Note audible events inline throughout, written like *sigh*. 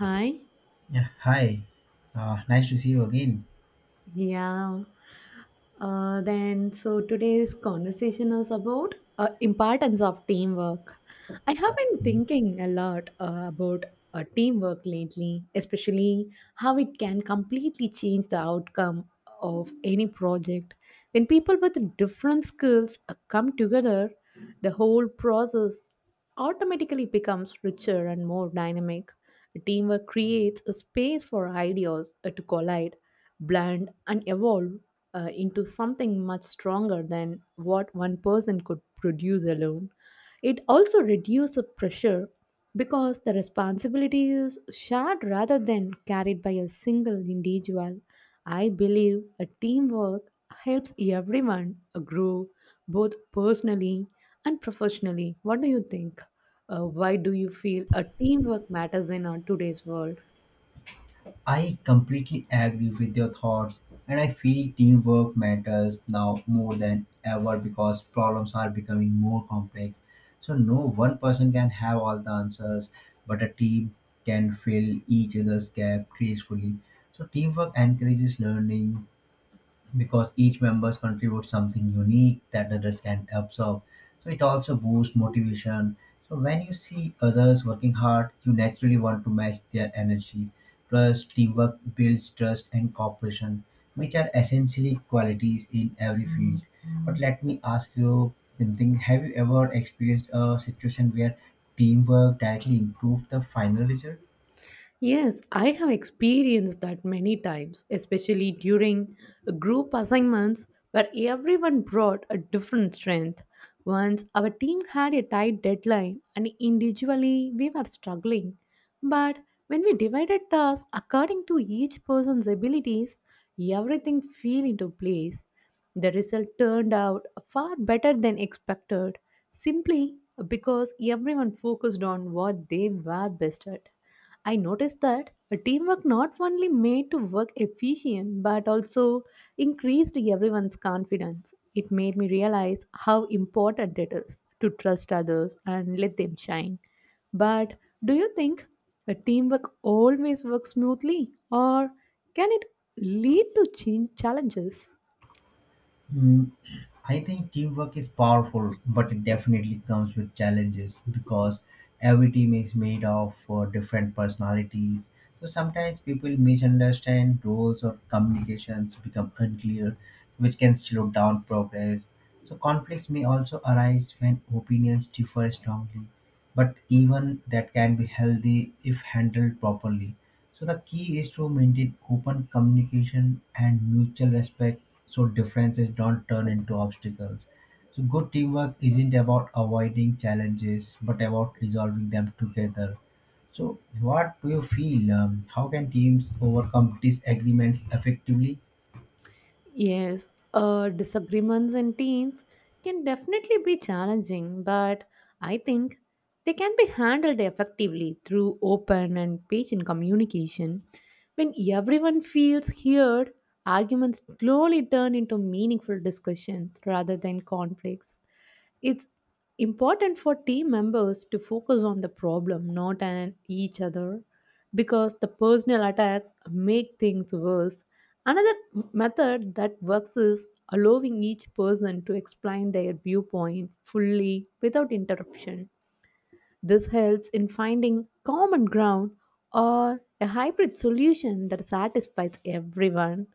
Hi. Yeah, hi. Nice to see you again. Yeah. So today's conversation is about importance of teamwork. I have been thinking a lot about teamwork lately, especially how it can completely change the outcome of any project. When people with different skills come together, the whole process automatically becomes richer and more dynamic. Teamwork creates a space for ideas to collide, blend, and evolve into something much stronger than what one person could produce alone. It also reduces pressure because the responsibility is shared rather than carried by a single individual. I believe a teamwork helps everyone grow both personally and professionally. What do you think? Why do you feel a teamwork matters in our today's world? I completely agree with your thoughts, and I feel teamwork matters now more than ever because problems are becoming more complex. So, no one person can have all the answers, but a team can fill each other's gap gracefully. So, teamwork encourages learning, because each members contribute something unique that others can absorb. So it also boosts motivation. So when you see others working hard, you naturally want to match their energy. Plus, teamwork builds trust and cooperation, which are essentially qualities in every field. But let me ask you something: have you ever experienced a situation where teamwork directly improved the final result? Yes, I have experienced that many times, especially during group assignments where everyone brought a different strength. Once our team had a tight deadline and individually we were struggling, but when we divided tasks according to each person's abilities, everything fell into place. The result turned out far better than expected, simply because everyone focused on what they were best at. I noticed that a teamwork not only made to work efficient but also increased everyone's confidence. It made me realize how important it is to trust others and let them shine. But do you think a teamwork always works smoothly or can it lead to change challenges? Mm, I think teamwork is powerful, but it definitely comes with challenges because every team is made of different personalities. So sometimes people misunderstand roles or communications become unclear, which can slow down progress. So conflicts may also arise when opinions differ strongly, but even that can be healthy if handled properly. So the key is to maintain open communication and mutual respect so differences don't turn into obstacles. So good teamwork isn't about avoiding challenges but about resolving them together. So what do you feel? How can teams overcome disagreements effectively? Yes, disagreements in teams can definitely be challenging, but I think they can be handled effectively through open and patient communication. When everyone feels heard, arguments slowly turn into meaningful discussions rather than conflicts. It's important for team members to focus on the problem, not on each other, because the personal attacks make things worse. Another method that works is allowing each person to explain their viewpoint fully without interruption. This helps in finding common ground or a hybrid solution that satisfies everyone.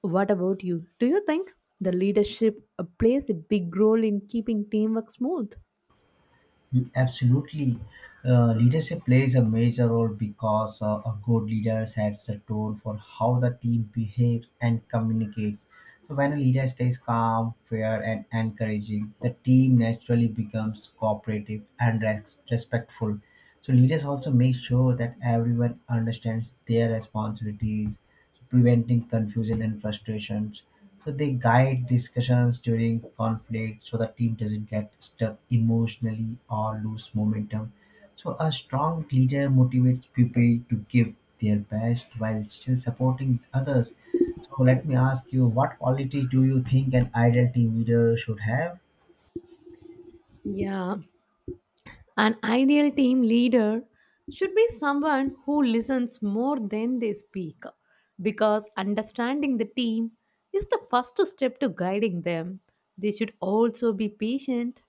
What about you? Do you think the leadership plays a big role in keeping teamwork smooth? Mm, absolutely. Leadership plays a major role because a good leader sets the tone for how the team behaves and communicates. So, when a leader stays calm, fair, and encouraging, the team naturally becomes cooperative and respectful. So, leaders also make sure that everyone understands their responsibilities, preventing confusion and frustrations. So they guide discussions during conflict so the team doesn't get stuck emotionally or lose momentum. So a strong leader motivates people to give their best while still supporting others. So let me ask you, what qualities do you think an ideal team leader should have? Yeah, an ideal team leader should be someone who listens more than they speak because understanding the team is the first step to guiding them. They should also be patient,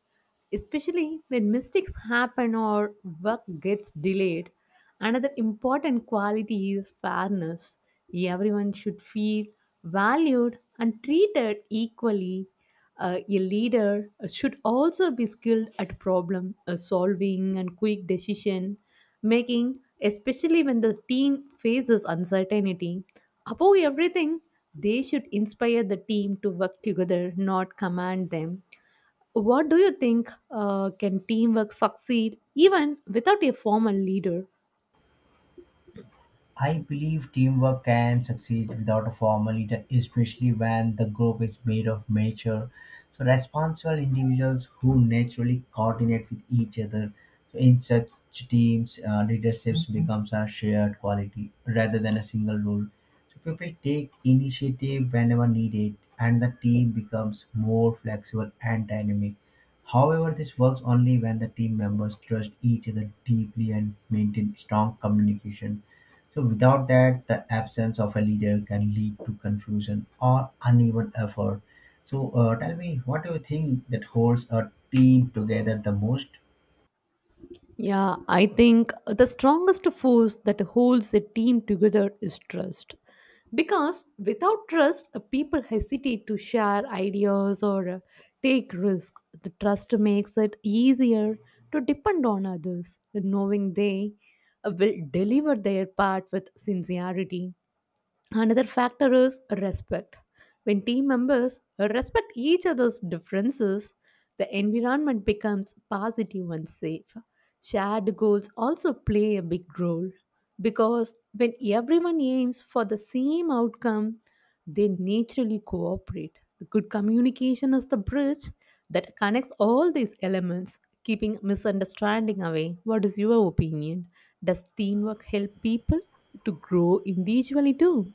especially when mistakes happen or work gets delayed. Another important quality is fairness. Everyone should feel valued and treated equally. Uh, a leader should also be skilled at problem solving and quick decision making, especially when the team faces uncertainty. Above everything, they should inspire the team to work together, not command them. What do you think, can teamwork succeed even without a formal leader? I believe teamwork can succeed without a formal leader, especially when the group is made of mature, so responsible individuals who naturally coordinate with each other. So in such teams, leadership becomes a shared quality rather than a single role. So people take initiative whenever needed, and the team becomes more flexible and dynamic. However, this works only when the team members trust each other deeply and maintain strong communication. So without that, the absence of a leader can lead to confusion or uneven effort. So tell me, what do you think that holds a team together the most? Yeah, I think the strongest force that holds a team together is trust. Because without trust, people hesitate to share ideas or take risks. The trust makes it easier to depend on others, knowing they will deliver their part with sincerity. Another factor is respect. When team members respect each other's differences, the environment becomes positive and safe. Shared goals also play a big role because when everyone aims for the same outcome, they naturally cooperate. The good communication is the bridge that connects all these elements, keeping misunderstanding away. What is your opinion? Does teamwork help people to grow individually too?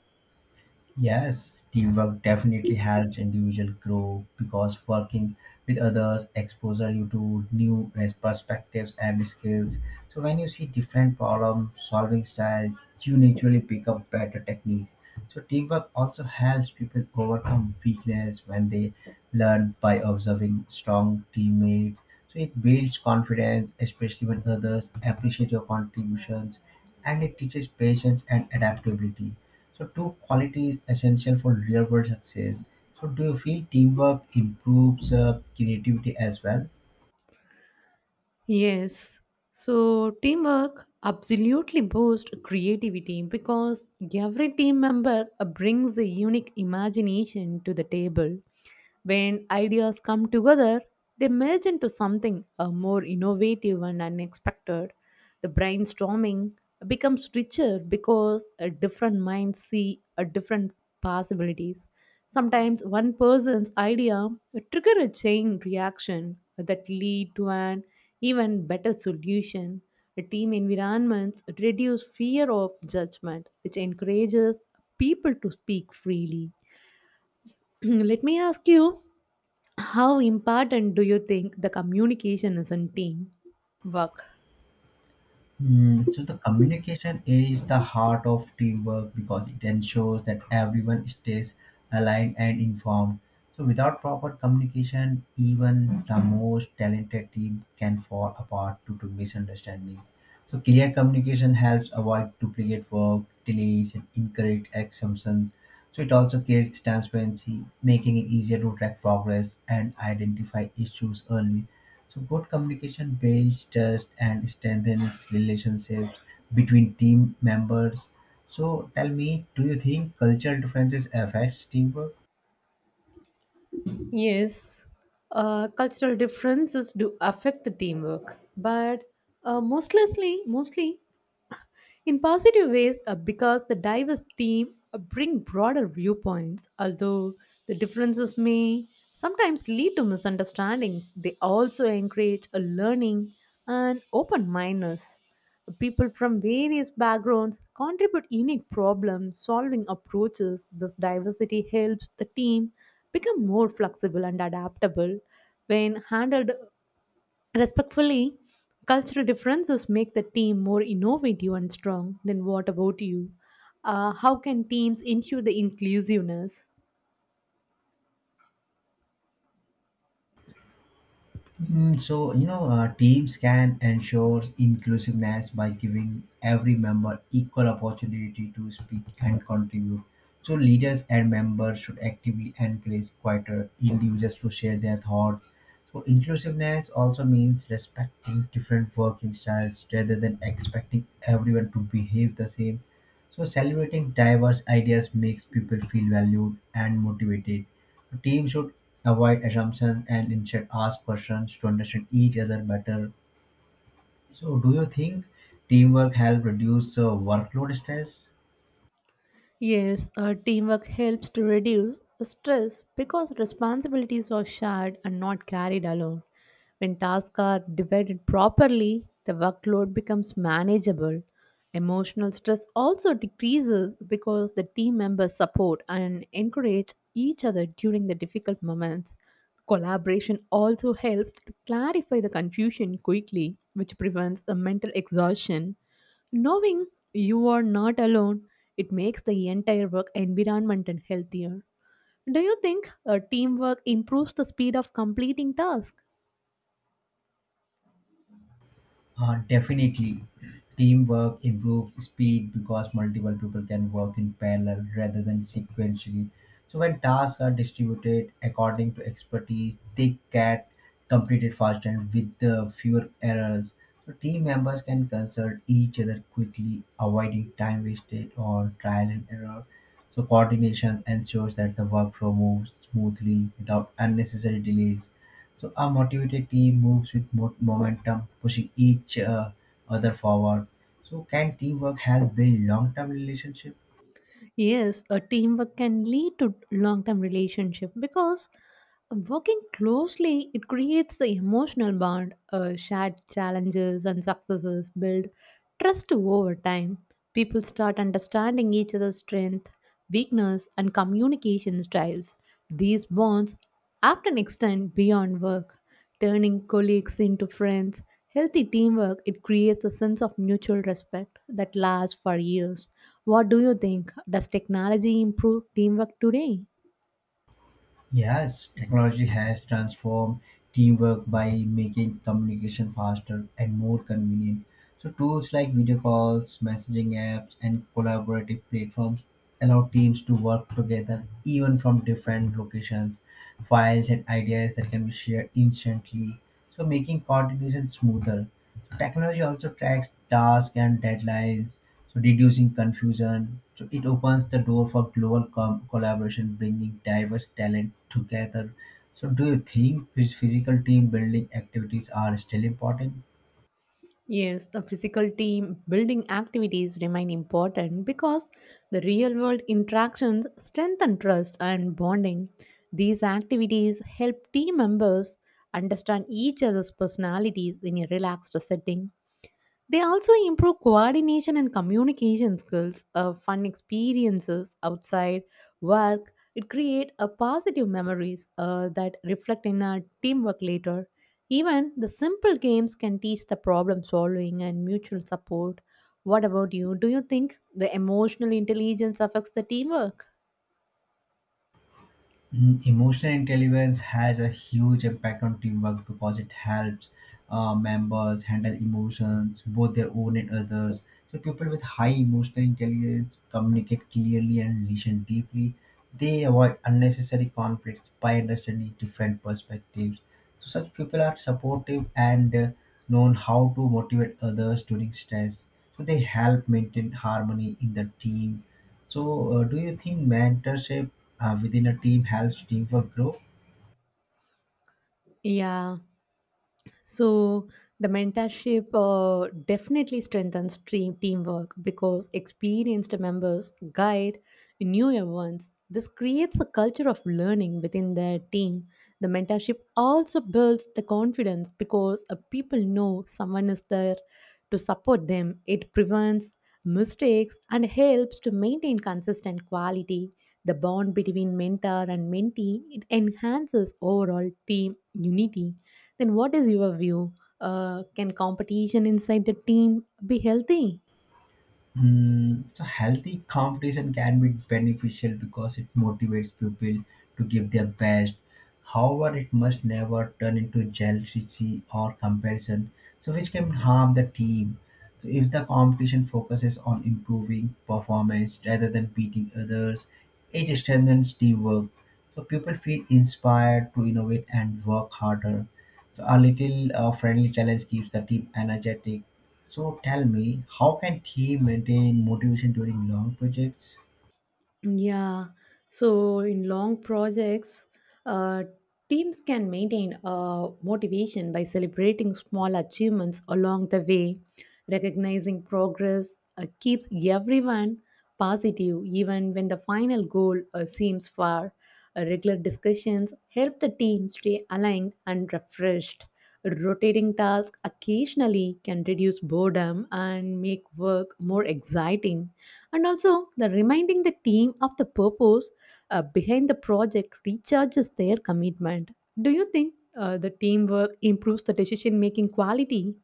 Yes, teamwork definitely helps individual grow because working with others exposes you to new perspectives and skills. So when you see different problem solving styles, you naturally pick up better techniques. So teamwork also helps people overcome weakness when they learn by observing strong teammates, so it builds confidence, especially when others appreciate your contributions, and it teaches patience and adaptability. So two qualities essential for real world success. So do you feel teamwork improves creativity as well? Yes. So teamwork absolutely boosts creativity because every team member brings a unique imagination to the table. When ideas come together, they merge into something more innovative and unexpected. The brainstorming becomes richer because different minds see different possibilities. Sometimes one person's idea will trigger a chain reaction that lead to an even better solution. Team environments reduce fear of judgment, which encourages people to speak freely. *clears throat* Let me ask you, how important do you think the communication is in team work? Mm, so the communication is the heart of teamwork because it ensures that everyone stays aligned and informed. So without proper communication, even the most talented team can fall apart due to misunderstandings. So clear communication helps avoid duplicate work, delays, and incorrect assumptions. So it also creates transparency, making it easier to track progress and identify issues early. So good communication builds trust and strengthens relationships between team members. So tell me, do you think cultural differences affects teamwork? Yes, cultural differences do affect the teamwork, but uh, mostly, in positive ways because the diverse team bring broader viewpoints, although the differences may sometimes lead to misunderstandings. They also encourage a learning and open mindedness. People from various backgrounds contribute unique problem solving approaches. This diversity helps the team become more flexible and adaptable. When handled respectfully, cultural differences make the team more innovative and strong. Then, what about you? How can teams ensure the inclusiveness? Mm, so, you know, teams can ensure inclusiveness by giving every member equal opportunity to speak and contribute. So, leaders and members should actively encourage quieter individuals to share their thoughts. So, inclusiveness also means respecting different working styles rather than expecting everyone to behave the same. So, celebrating diverse ideas makes people feel valued and motivated. Teams should avoid assumptions and instead ask questions to understand each other better. So, do you think teamwork help reduce workload stress? Yes, teamwork helps to reduce stress because responsibilities are shared and not carried alone. When tasks are divided properly, the workload becomes manageable. Emotional stress also decreases because the team members support and encourage each other during the difficult moments. Collaboration also helps to clarify the confusion quickly, which prevents the mental exhaustion. Knowing you are not alone, it makes the entire work environment and healthier. Do you think, teamwork improves the speed of completing tasks? Definitely, teamwork improves speed because multiple people can work in parallel rather than sequentially. So when tasks are distributed according to expertise, they get completed faster and with the fewer errors. So team members can consult each other quickly, avoiding time wasted or trial and error. So coordination ensures that the workflow moves smoothly without unnecessary delays. So a motivated team moves with momentum, pushing each other forward. So can teamwork help build long-term relationship? Yes, a teamwork can lead to long-term relationship because working closely it creates the emotional bond. Shared challenges and successes build trust over time. People start understanding each other's strength, weakness, and communication styles. These bonds often extend beyond work turning colleagues into friends. Healthy teamwork, it creates a sense of mutual respect that lasts for years. What do you think? Does technology improve teamwork today? Yes, technology has transformed teamwork by making communication faster and more convenient. So, tools like video calls, messaging apps, and collaborative platforms allow teams to work together even from different locations. Files and ideas that can be shared instantly, so making coordination smoother. Technology also tracks tasks and deadlines, so reducing confusion. So it opens the door for global collaboration, bringing diverse talent together. So do you think physical team building activities are still important? Yes, the physical team building activities remain important because the real world interactions strengthen trust and bonding. These activities help team members understand each other's personalities in a relaxed setting. They also improve coordination and communication skills. Fun experiences outside work. It create a positive memories that reflect in our teamwork later. Even the simple games can teach the problem solving and mutual support. What about you? Do you think the emotional intelligence affects the teamwork? Mm, emotional intelligence has a huge impact on teamwork because it helps members handle emotions, both their own and others. So, people with high emotional intelligence communicate clearly and listen deeply. They avoid unnecessary conflicts by understanding different perspectives. So, such people are supportive and known how to motivate others during stress. So, they help maintain harmony in the team, so, do you think mentorship within a team helps teamwork grow? Yeah. So the mentorship definitely strengthens team teamwork because experienced members guide newer ones. This creates a culture of learning within their team. The mentorship also builds the confidence because people know someone is there to support them. It prevents mistakes and helps to maintain consistent quality. The bond between mentor and mentee it enhances overall team unity. Then, what is your view? Can competition inside the team be healthy? Mm, so healthy competition can be beneficial because it motivates people to give their best. However, it must never turn into jealousy or comparison, so which can harm the team. So if the competition focuses on improving performance rather than beating others, it strengthens teamwork. So people feel inspired to innovate and work harder. So a little friendly challenge keeps the team energetic. So tell me, how can he maintain motivation during long projects? Yeah. So in long projects, uh, teams can maintain motivation by celebrating small achievements along the way. Recognizing progress keeps everyone positive, even when the final goal seems far. Regular discussions help the team stay aligned and refreshed. Rotating tasks occasionally can reduce boredom and make work more exciting, and also the reminding the team of the purpose behind the project recharges their commitment. Do you think, the teamwork improves the decision making quality?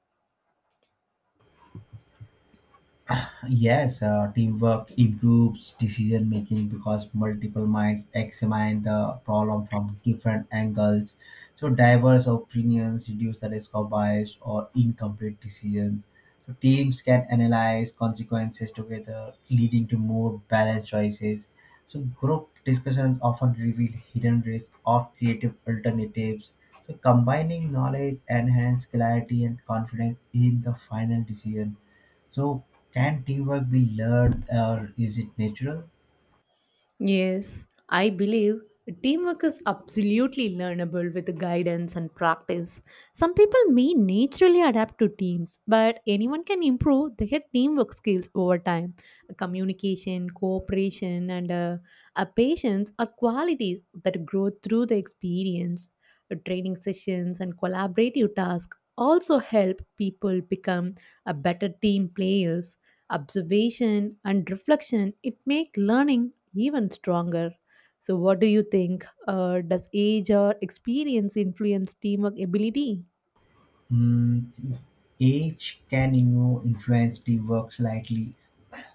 Yes, teamwork improves decision making because multiple minds examine the problem from different angles. So, diverse opinions reduce the risk of bias or incomplete decisions. So, teams can analyze consequences together, leading to more balanced choices. So, group discussions often reveal hidden risks or creative alternatives. So, combining knowledge enhances clarity and confidence in the final decision. So, can teamwork be learned or is it natural? Yes, I believe teamwork is absolutely learnable with guidance and practice. Some people may naturally adapt to teams, but anyone can improve their teamwork skills over time. Communication, cooperation, and patience are qualities that grow through the experience. Training sessions and collaborative tasks also help people become a better team players. Observation and reflection it make learning even stronger. So what do you think, does age or experience influence teamwork ability? Mm, age can, you know, influence teamwork slightly,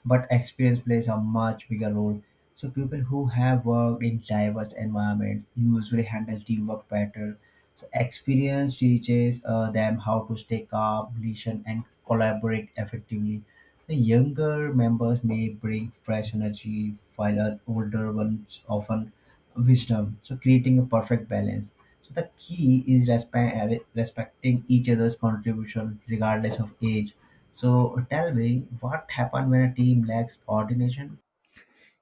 but experience plays a much bigger role. So people who have worked in diverse environments usually handle teamwork better. So experience teaches them how to stay calm, listen, and collaborate effectively. The younger members may bring fresh energy, while the older ones often wisdom. So creating a perfect balance. So the key is respecting each other's contribution regardless of age. So tell me, what happened when a team lacks coordination?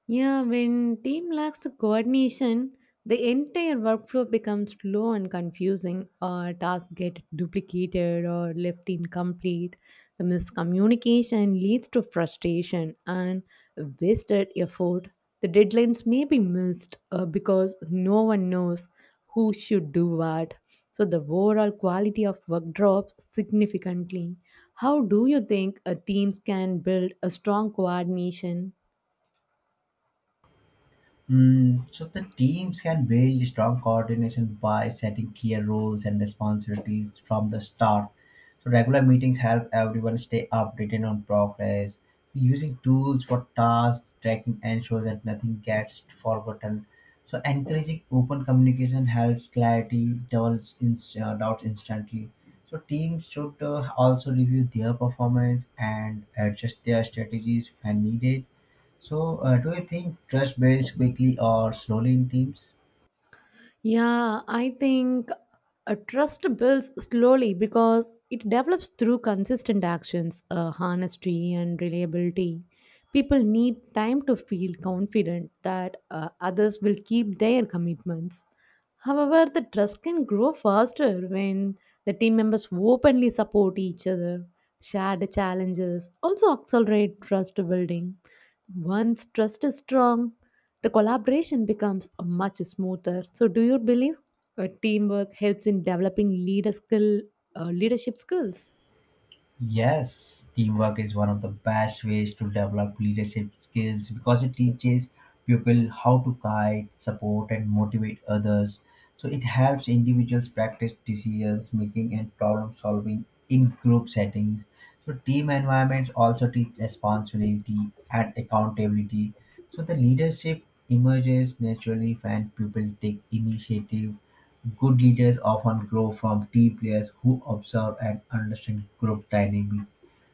Yeah, when team lacks the coordination, the entire workflow becomes slow and confusing. Or tasks get duplicated or left incomplete. The miscommunication leads to frustration and wasted effort. The deadlines may be missed because no one knows who should do what. So the overall quality of work drops significantly. How do you think, teams can build a strong coordination? Mm, so the teams can build strong coordination by setting clear roles and responsibilities from the start. So regular meetings help everyone stay updated on progress. Using tools for task tracking ensures that nothing gets forgotten. So encouraging open communication helps clarity doubts instantly. So teams should also review their performance and adjust their strategies when needed. So, do you think trust builds quickly or slowly in teams? Yeah, I think a trust builds slowly because it develops through consistent actions, honesty, and reliability. People need time to feel confident that others will keep their commitments. However, the trust can grow faster when the team members openly support each other, share the challenges, also accelerate trust building. Once trust is strong, the collaboration becomes much smoother. So, do you believe, teamwork helps in developing leadership skills? Yes, teamwork is one of the best ways to develop leadership skills because it teaches people how to guide, support, and motivate others. So, it helps individuals practice decisions making and problem solving in group settings. So, team environments also teach responsibility and accountability. So, the leadership emerges naturally when people take initiative. Good leaders often grow from team players who observe and understand group dynamics.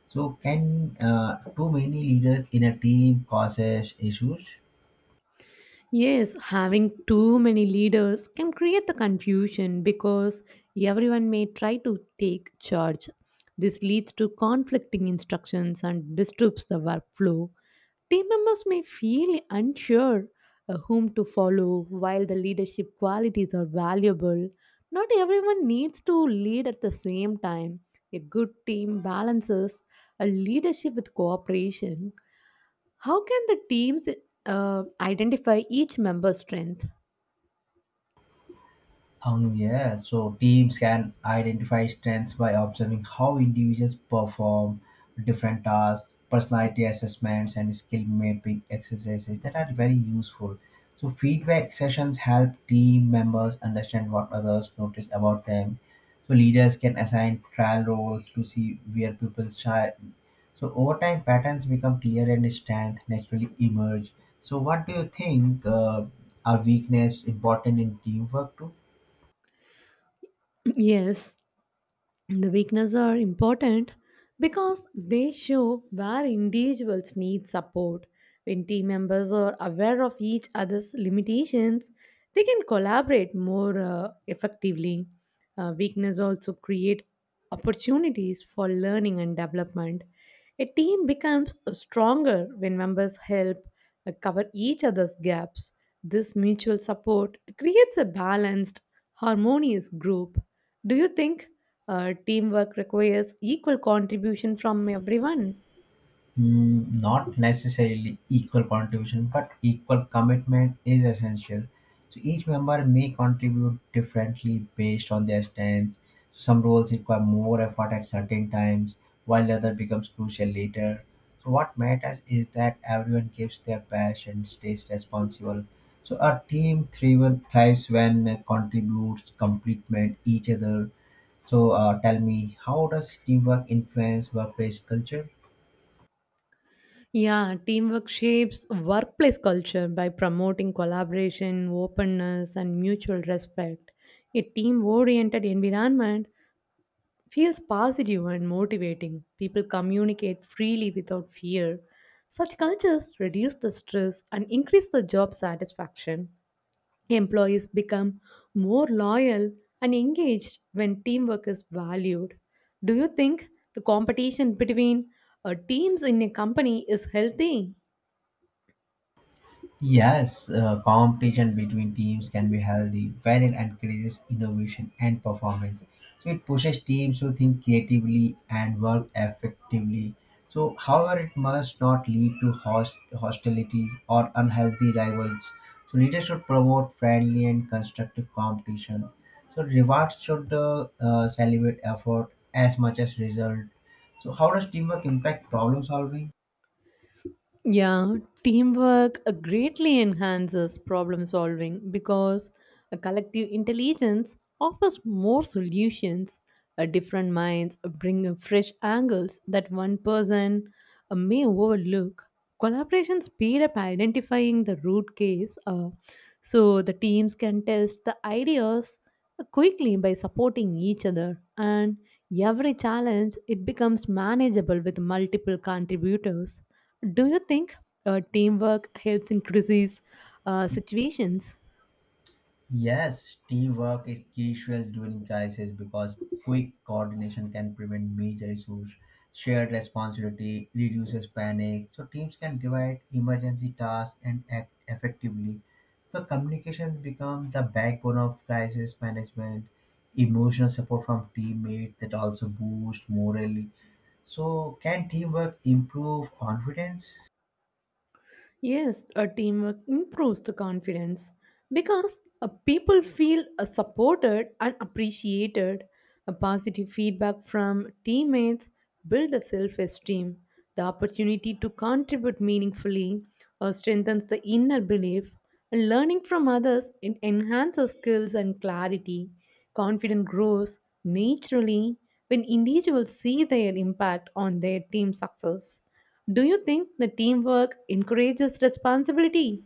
So, can too many leaders in a team causes issues? Yes, having too many leaders can create the confusion because everyone may try to take charge. This leads to conflicting instructions and disturbs the workflow. Team members may feel unsure whom to follow. While the leadership qualities are valuable, not everyone needs to lead at the same time. A good team balances a leadership with cooperation. How can the teams identify each member's strength? Yeah, so teams can identify strengths by observing how individuals perform different tasks, personality assessments, and skill mapping exercises that are very useful. So, feedback sessions help team members understand what others notice about them. So, leaders can assign trial roles to see where people shine. So, over time, patterns become clear and strength naturally emerge. So, what do you think? Are weakness important in teamwork too? Yes, the weaknesses are important because they show where individuals need support. When team members are aware of each other's limitations, they can collaborate more effectively. Weakness also create opportunities for learning and development. A team becomes stronger when members help cover each other's gaps. This mutual support creates a balanced, harmonious group. Do you think, teamwork requires equal contribution from everyone? Mm, not necessarily equal contribution, but equal commitment is essential. So each member may contribute differently based on their stance. Some roles require more effort at certain times, while the other becomes crucial later. So what matters is that everyone gives their best and stays responsible. So a team thrives when it contributes complement each other. So tell me, how does teamwork influence workplace culture? Yeah, teamwork shapes workplace culture by promoting collaboration, openness, and mutual respect. A team oriented environment feels positive and motivating. People communicate freely without fear. Such cultures reduce the stress and increase the job satisfaction. Employees become more loyal and engaged when teamwork is valued. Do you think the competition between teams in a company is healthy? Yes, competition between teams can be healthy when it encourages innovation and performance. So it pushes teams to think creatively and work effectively. So, however, it must not lead to hostility or unhealthy rivals. So leaders should promote friendly and constructive competition. So rewards should celebrate effort as much as result. So how does teamwork impact problem solving? Yeah, teamwork greatly enhances problem solving because a collective intelligence offers more solutions. Different minds bring in fresh angles that one person may overlook. Collaboration speed up identifying the root case, so the teams can test the ideas quickly by supporting each other. And every challenge it becomes manageable with multiple contributors. Do you think, teamwork helps in crisis situations? Yes, teamwork is crucial during crisis because quick coordination can prevent major issues. Shared responsibility reduces panic, so teams can divide emergency tasks and act effectively. So communications become the backbone of crisis management. Emotional support from teammates that also boost morale. So can teamwork improve confidence? Yes, a teamwork improves the confidence because people feel supported and appreciated. A positive feedback from teammates builds a self-esteem. The opportunity to contribute meaningfully strengthens the inner belief. And learning from others it enhances skills and clarity. Confidence grows naturally when individuals see their impact on their team success. Do you think the teamwork encourages responsibility?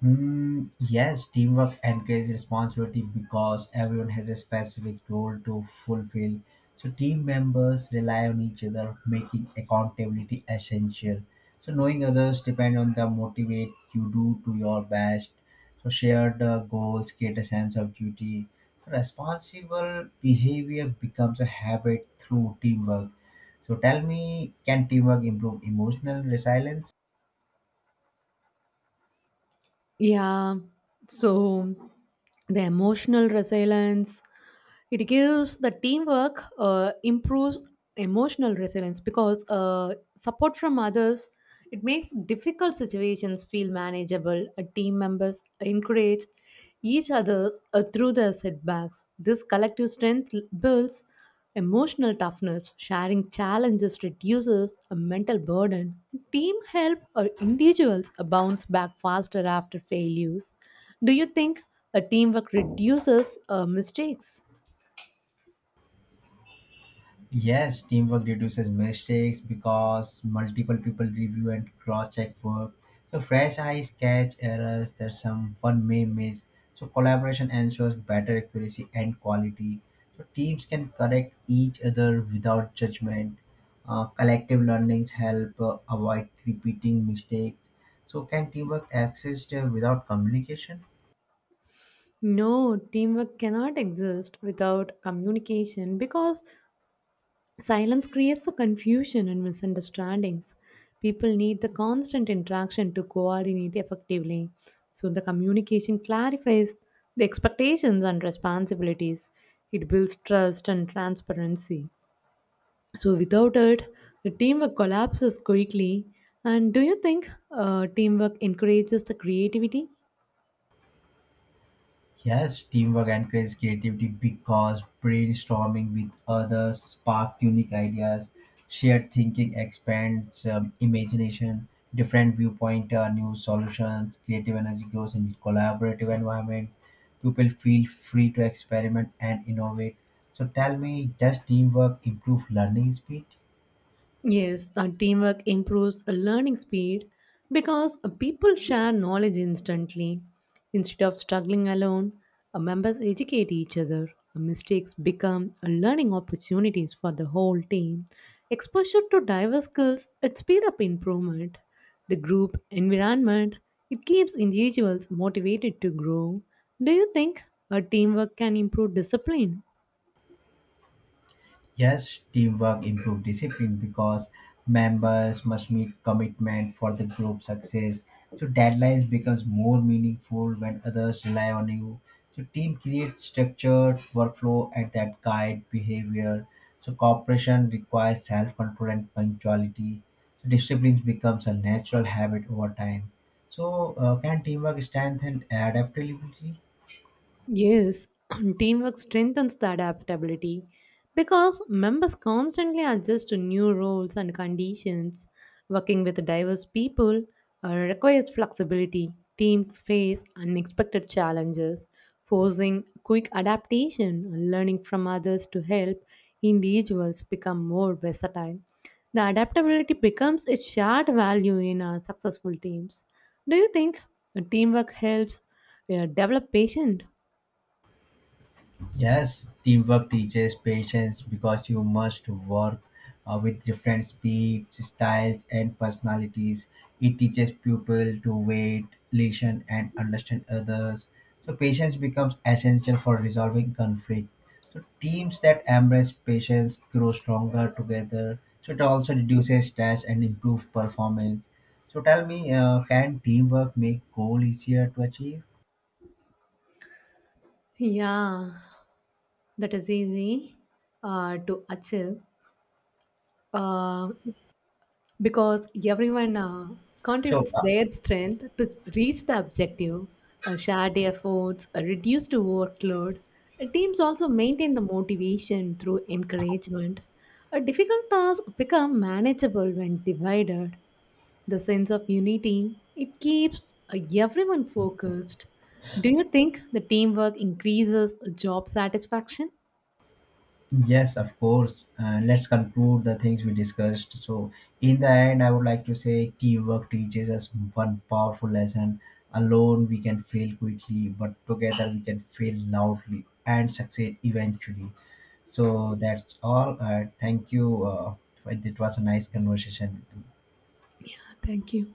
Mm, yes, teamwork encourages responsibility because everyone has a specific role to fulfill. So, team members rely on each other, making accountability essential. So, knowing others depend on the motivate you do to your best. So, shared goals create a sense of duty. So, responsible behavior becomes a habit through teamwork. So, tell me, can teamwork improve emotional resilience? Yeah. So the emotional resilience it gives the teamwork improves emotional resilience because support from others it makes difficult situations feel manageable. Team members encourage each other through their setbacks. This collective strength builds emotional toughness. Sharing challenges reduces a mental burden. Team help or individuals bounce back faster after failures. Do you think a teamwork reduces mistakes? Yes, teamwork reduces mistakes because multiple people review and cross-check work. So fresh eyes catch errors that someone may miss. So collaboration ensures better accuracy and quality. So teams can correct each other without judgment. Collective learnings help avoid repeating mistakes. So can teamwork exist without communication? No, teamwork cannot exist without communication because silence creates the confusion and misunderstandings. People need the constant interaction to coordinate effectively. So the communication clarifies the expectations and responsibilities. It builds trust and transparency. So without it, the teamwork collapses quickly. And do you think, teamwork encourages the creativity? Yes, teamwork encourages creativity because brainstorming with others sparks unique ideas. Shared thinking expands imagination. Different viewpoint, new solutions. Creative energy grows in collaborative environment. People feel free to experiment and innovate. So tell me, does teamwork improve learning speed? Yes, teamwork improves learning speed because people share knowledge instantly. Instead of struggling alone, members educate each other. Mistakes become learning opportunities for the whole team. Exposure to diverse skills it speed up improvement. The group environment it keeps individuals motivated to grow. Do you think a teamwork can improve discipline? Yes, teamwork improve discipline because members must meet commitment for the group success. So deadlines becomes more meaningful when others rely on you. So team creates structured workflow and that guide behavior. So cooperation requires self-control and punctuality. So discipline becomes a natural habit over time. So can teamwork strengthen adaptability? Yes, *clears throat* teamwork strengthens the adaptability because members constantly adjust to new roles and conditions. Working with diverse people requires flexibility. Teams face unexpected challenges, forcing quick adaptation, and learning from others to help individuals become more versatile. The adaptability becomes a shared value in our successful teams. Do you think, teamwork helps develop patience? Yes, teamwork teaches patience because you must work with different speeds, styles, and personalities. It teaches people to wait, listen, and understand others. So, patience becomes essential for resolving conflict. So, teams that embrace patience grow stronger together. So, it also reduces stress and improves performance. So, tell me, can teamwork make goal easier to achieve? Yeah, that is easy to achieve uh, because everyone So, contributes their strength to reach the objective. Shared efforts, reduced workload. Teams also maintain the motivation through encouragement. A difficult task become manageable when divided. The sense of unity it keeps everyone focused. Do you think the teamwork increases job satisfaction? yes, of course. Let's conclude the things we discussed. So, in the end, I would like to say teamwork teaches us one powerful lesson. Alone, we can fail quickly, but together, we can fail loudly and succeed eventually. So, that's all. Thank you. It was a nice conversation. Thank you.